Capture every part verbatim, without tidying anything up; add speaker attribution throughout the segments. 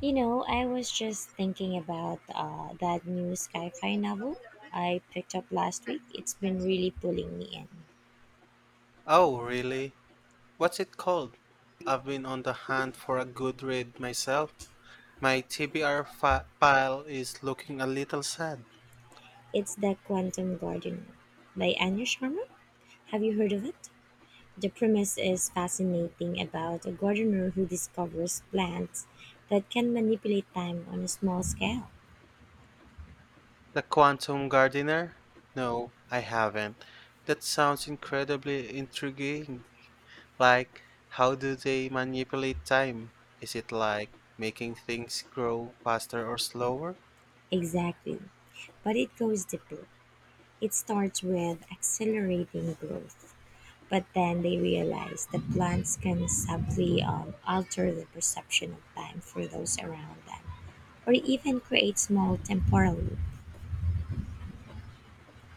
Speaker 1: You know, I was just thinking about uh, that new sci-fi novel I picked up last week. It's been really pulling me in.
Speaker 2: Oh, really? What's it called? I've been on the hunt for a good read myself. My T B R fa- pile is looking a little sad.
Speaker 1: It's The Quantum Gardener by Anya Sharma. Have you heard of it? The premise is fascinating about a gardener who discovers plants that can manipulate time on a small scale.
Speaker 2: The Quantum Gardener? No, I haven't. That sounds incredibly intriguing. Like, how do they manipulate time? Is it like making things grow faster or slower?
Speaker 1: Exactly. But it goes deeper. It starts with accelerating growth, but then they realize that plants can subtly um, alter the perception of time for those around them, or even create small temporal loops.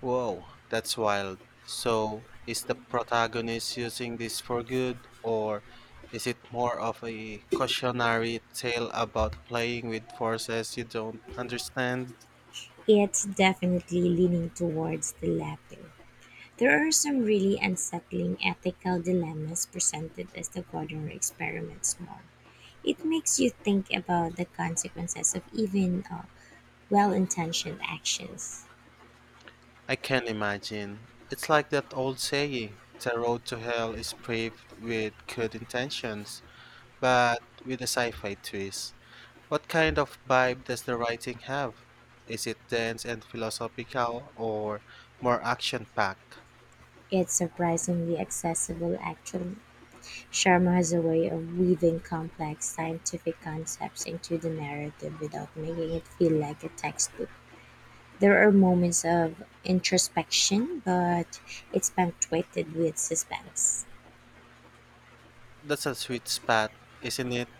Speaker 2: Whoa, that's wild. So, is the protagonist using this for good, or is it more of a cautionary tale about playing with forces you don't understand?
Speaker 1: It's definitely leaning towards the latter. There are some really unsettling ethical dilemmas presented as the Gordon experiments more. It makes you think about the consequences of even uh, well intentioned actions.
Speaker 2: I can imagine. It's like that old saying, the road to hell is paved with good intentions, but with a sci-fi twist. What kind of vibe does the writing have? Is it dense and philosophical or more action-packed?
Speaker 1: It's surprisingly accessible, actually. Sharma has a way of weaving complex scientific concepts into the narrative without making it feel like a textbook. There are moments of introspection, but it's punctuated with suspense.
Speaker 2: That's a sweet spot, isn't it?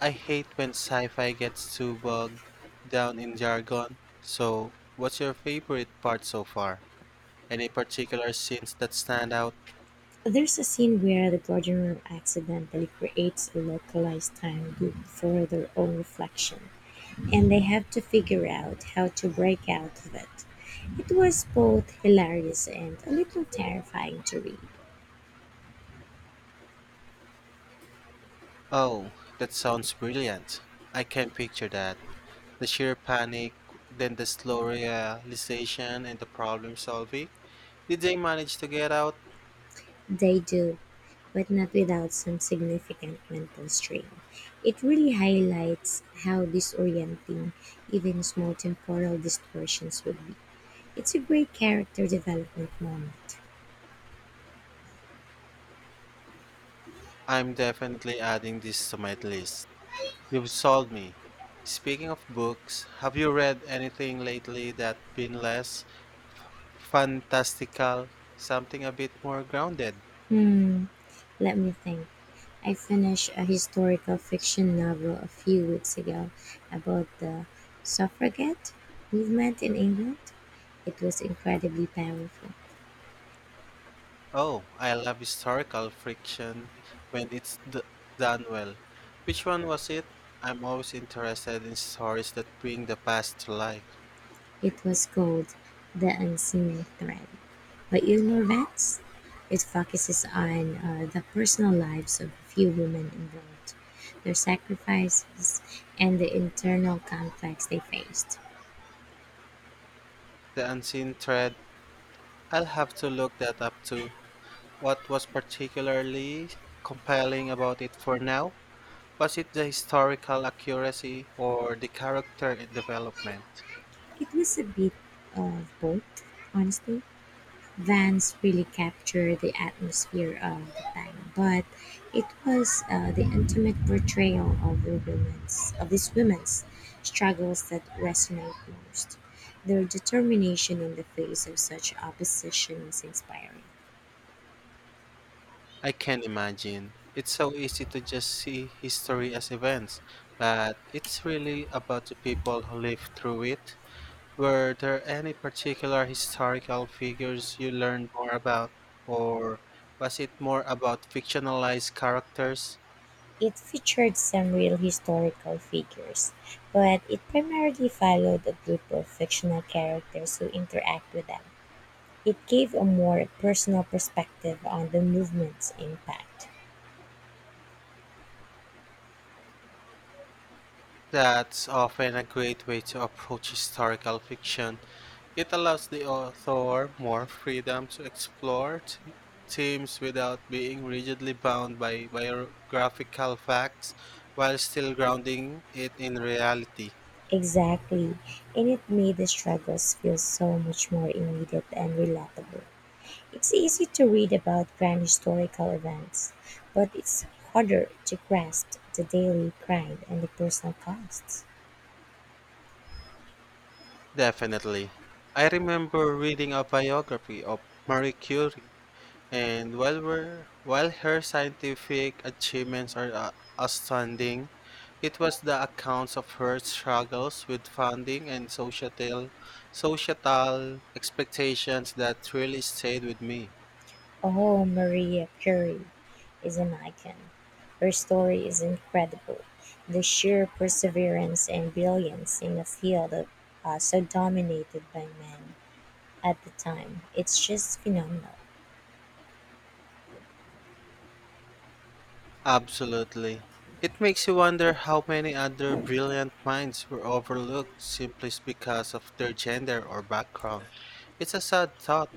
Speaker 2: I hate when sci-fi gets too bogged down in jargon. So, what's your favorite part so far? Any particular scenes that stand out?
Speaker 1: There's a scene where the guardian room accidentally creates a localized time loop for their own reflection, and they have to figure out how to break out of it. It was both hilarious and a little terrifying to read.
Speaker 2: Oh, that sounds brilliant. I can picture that. The sheer panic, then the slow realization and the problem solving. Did they manage to get out?
Speaker 1: They do, but not without some significant mental strain. It really highlights how disorienting even small temporal distortions would be. It's a great character development moment.
Speaker 2: I'm definitely adding this to my list. You've sold me. Speaking of books, have you read anything lately that been less fantastical, something a bit more grounded?
Speaker 1: Hmm, let me think. I finished a historical fiction novel a few weeks ago about the suffragette movement in England. It was incredibly powerful.
Speaker 2: Oh, I love historical fiction when it's d- done well. Which one was it? I'm always interested in stories that bring the past to life.
Speaker 1: It was called "The Unseen Thread" by Ilma Vance. It focuses on uh, the personal lives of a few women involved, their sacrifices, and the internal conflicts they faced.
Speaker 2: The unseen thread, I'll have to look that up too. What was particularly compelling about it for now? Was it the historical accuracy or the character development?
Speaker 1: It was a bit of both, honestly. Vans really captured the atmosphere of the time, but it was uh, the intimate portrayal of the women's of these women's struggles that resonate most. Their determination in the face of such opposition was inspiring.
Speaker 2: I can imagine. It's so easy to just see history as events, but it's really about the people who lived through it. Were there any particular historical figures you learned more about, or was it more about fictionalized characters?
Speaker 1: It featured some real historical figures, but it primarily followed a group of fictional characters who interact with them. It gave a more personal perspective on the movement's impact.
Speaker 2: That's often a great way to approach historical fiction. It allows the author more freedom to explore t- themes without being rigidly bound by biographical facts while still grounding it in reality.
Speaker 1: Exactly, and it made the struggles feel so much more immediate and relatable. It's easy to read about grand historical events, but it's harder to grasp the daily grind and the personal costs.
Speaker 2: Definitely. I remember reading a biography of Marie Curie, and while we're, while her scientific achievements are uh, outstanding, it was the accounts of her struggles with funding and societal societal expectations that really stayed with me.
Speaker 1: Oh, Maria Curie is an icon. Her story is incredible. The sheer perseverance and brilliance in a field of, uh, so dominated by men at the time, it's just phenomenal.
Speaker 2: Absolutely. It makes you wonder how many other brilliant minds were overlooked simply because of their gender or background. It's a sad thought.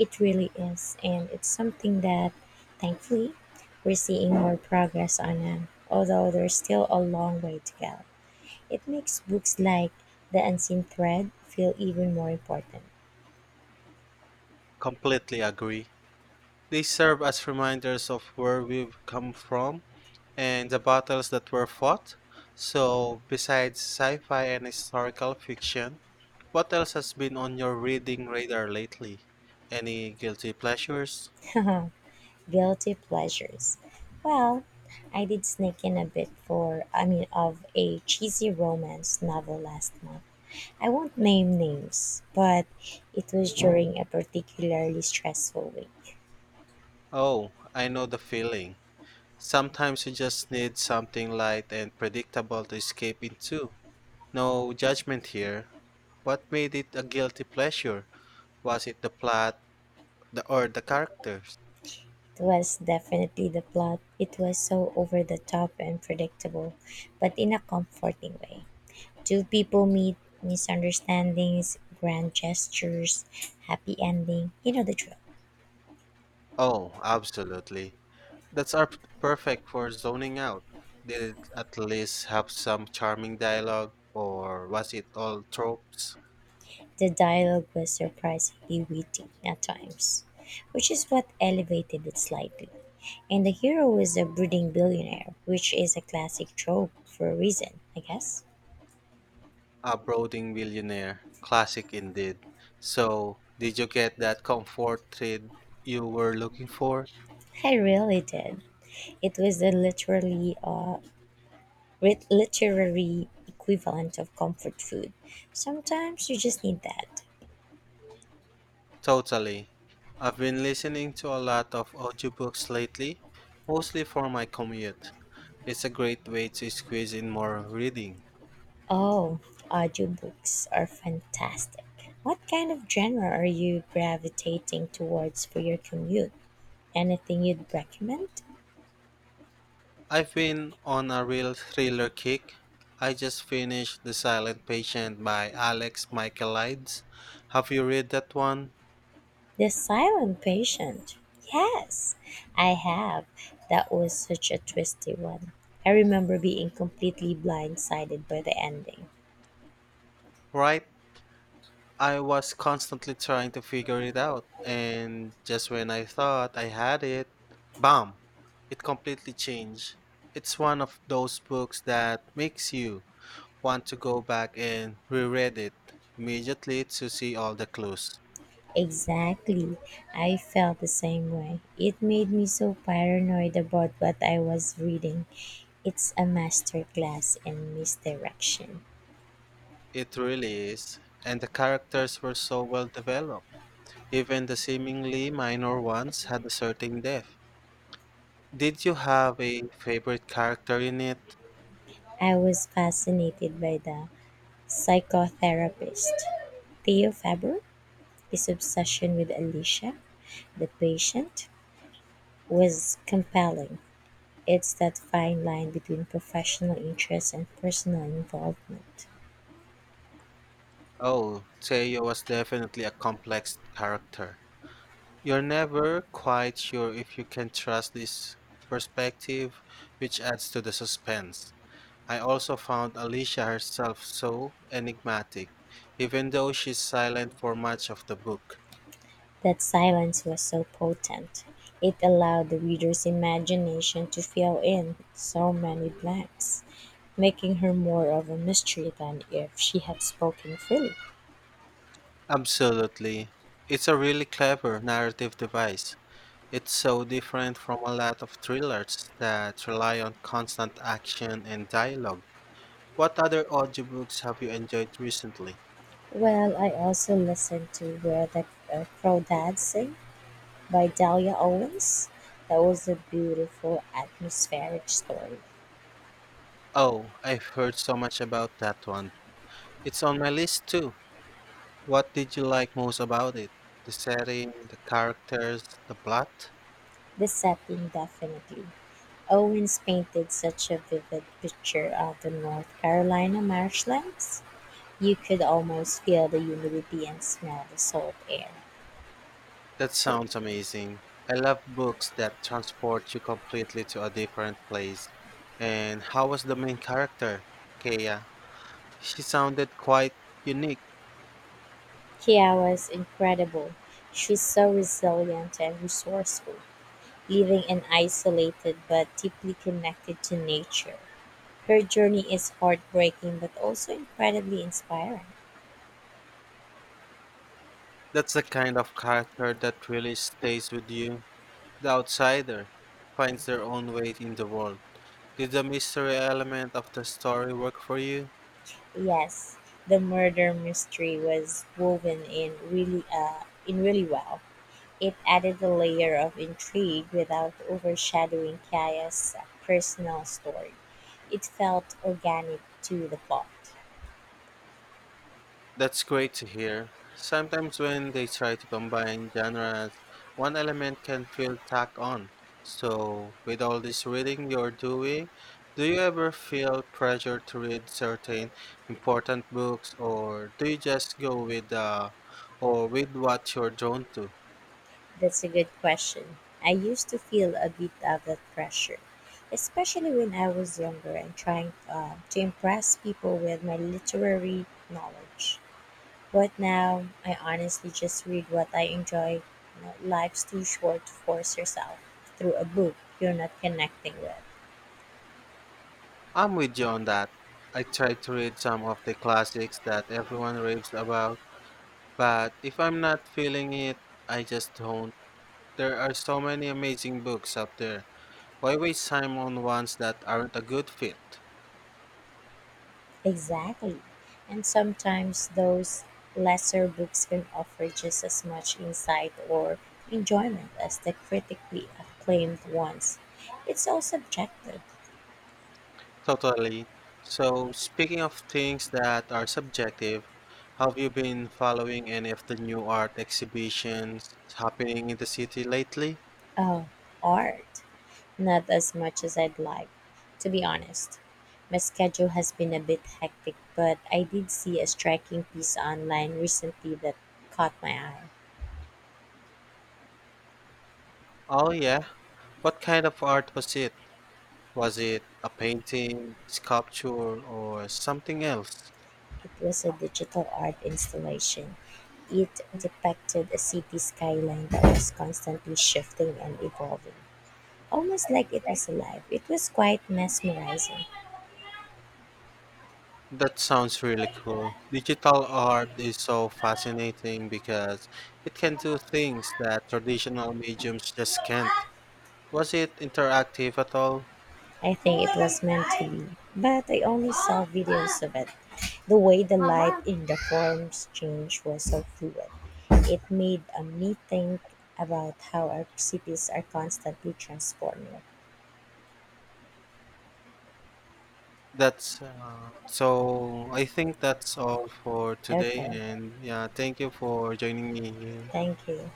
Speaker 1: It really is, and it's something that, thankfully, we're seeing more progress on now, although there's still a long way to go. It makes books like The Unseen Thread feel even more important.
Speaker 2: Completely agree. They serve as reminders of where we've come from and the battles that were fought. So, besides sci fi and historical fiction, what else has been on your reading radar lately? Any guilty pleasures?
Speaker 1: Guilty pleasures. Well, I did sneak in a bit for, I mean, of a cheesy romance novel last month. I won't name names, but it was during a particularly stressful week.
Speaker 2: Oh, I know the feeling. Sometimes you just need something light and predictable to escape into. No judgment here. What made it a guilty pleasure? Was it the plot the, or the characters?
Speaker 1: It was definitely the plot. It was so over the top and predictable, but in a comforting way. Two people meet, misunderstandings, grand gestures, happy ending. You know the drill.
Speaker 2: Oh, absolutely. That's our p- perfect for zoning out. Did it at least have some charming dialogue, or was it all tropes?
Speaker 1: The dialogue was surprisingly witty at times, which is what elevated it slightly. And the hero is a brooding billionaire, which is a classic trope for a reason, I guess.
Speaker 2: A brooding millionaire. Classic indeed. So, did you get that comfort thread you were looking for?
Speaker 1: I really did. It was a literally uh, rit- literary equivalent of comfort food. Sometimes you just need that.
Speaker 2: Totally. I've been listening to a lot of audiobooks lately, mostly for my commute. It's a great way to squeeze in more reading.
Speaker 1: Oh, audiobooks are fantastic. What kind of genre are you gravitating towards for your commute? Anything you'd recommend?
Speaker 2: I've been on a real thriller kick. I just finished The Silent Patient by Alex Michaelides. Have you read that one?
Speaker 1: The Silent Patient. Yes, I have. That was such a twisty one. I remember being completely blindsided by the ending.
Speaker 2: Right? I was constantly trying to figure it out, and just when I thought I had it, bam! It completely changed. It's one of those books that makes you want to go back and reread it immediately to see all the clues.
Speaker 1: Exactly. I felt the same way. It made me so paranoid about what I was reading. It's a masterclass in misdirection.
Speaker 2: It really is, and the characters were so well developed. Even the seemingly minor ones had a certain depth. Did you have a favorite character in it?
Speaker 1: I was fascinated by the psychotherapist Theo Faber. His obsession with Alicia, the patient, was compelling. It's that fine line between professional interest and personal involvement.
Speaker 2: Oh, Teo was definitely a complex character. You're never quite sure if you can trust this perspective, which adds to the suspense. I also found Alicia herself so enigmatic, even though she's silent for much of the book.
Speaker 1: That silence was so potent. It allowed the reader's imagination to fill in so many blanks, making her more of a mystery than if she had spoken freely.
Speaker 2: Absolutely. It's a really clever narrative device. It's so different from a lot of thrillers that rely on constant action and dialogue. What other audiobooks have you enjoyed recently?
Speaker 1: Well, I also listened to Where the uh, Crow Dancing by Delia Owens. That was a beautiful atmospheric story.
Speaker 2: Oh, I've heard so much about that one. It's on my list too. What did you like most about it? The setting, the characters, the plot?
Speaker 1: The setting definitely. Owens painted such a vivid picture of the North Carolina marshlands. You could almost feel the humidity and smell the salt air.
Speaker 2: That sounds amazing. I love books that transport you completely to a different place. And how was the main character, Kea? She sounded quite unique.
Speaker 1: Kiara's incredible. She's so resilient and resourceful, living an isolated but deeply connected to nature. Her journey is heartbreaking but also incredibly inspiring.
Speaker 2: That's the kind of character that really stays with you. The outsider finds their own way in the world. Did the mystery element of the story work for you?
Speaker 1: Yes, the murder mystery was woven in really uh, in really well. It added a layer of intrigue without overshadowing Kaya's personal story. It felt organic to the plot.
Speaker 2: That's great to hear. Sometimes when they try to combine genres, one element can feel tacked on. So, with all this reading you're doing, do you ever feel pressure to read certain important books or do you just go with uh, or with what you're drawn to?
Speaker 1: That's a good question. I used to feel a bit of that pressure, especially when I was younger and trying uh, to impress people with my literary knowledge. But now, I honestly just read what I enjoy. You know, life's too short to force yourself through a book you're not connecting with.
Speaker 2: I'm with you on that. I try to read some of the classics that everyone raves about, but if I'm not feeling it, I just don't. There are so many amazing books out there. Why waste time on ones that aren't a good fit?
Speaker 1: Exactly. And sometimes those lesser books can offer just as much insight or enjoyment as the critically acclaimed ones. It's all subjective.
Speaker 2: Totally. So, speaking of things that are subjective, have you been following any of the new art exhibitions happening in the city lately?
Speaker 1: Oh, art. Not as much as I'd like, to be honest. My schedule has been a bit hectic, but I did see a striking piece online recently that caught my eye.
Speaker 2: Oh, yeah. What kind of art was it? Was it a painting, sculpture, or something else?
Speaker 1: It was a digital art installation; it depicted a city skyline that was constantly shifting and evolving, almost like it was alive. It was quite mesmerizing.
Speaker 2: That sounds really cool. Digital art is so fascinating because it can do things that traditional mediums just can't. Was it interactive at all?
Speaker 1: I think it was meant to be, but I only saw videos of it. The way the light in the forms changed was so fluid. It made uh, me think about how our cities are constantly transforming.
Speaker 2: That's uh, so. I think that's all for today,
Speaker 1: Okay.
Speaker 2: and yeah, thank you for joining me here.
Speaker 1: Thank you.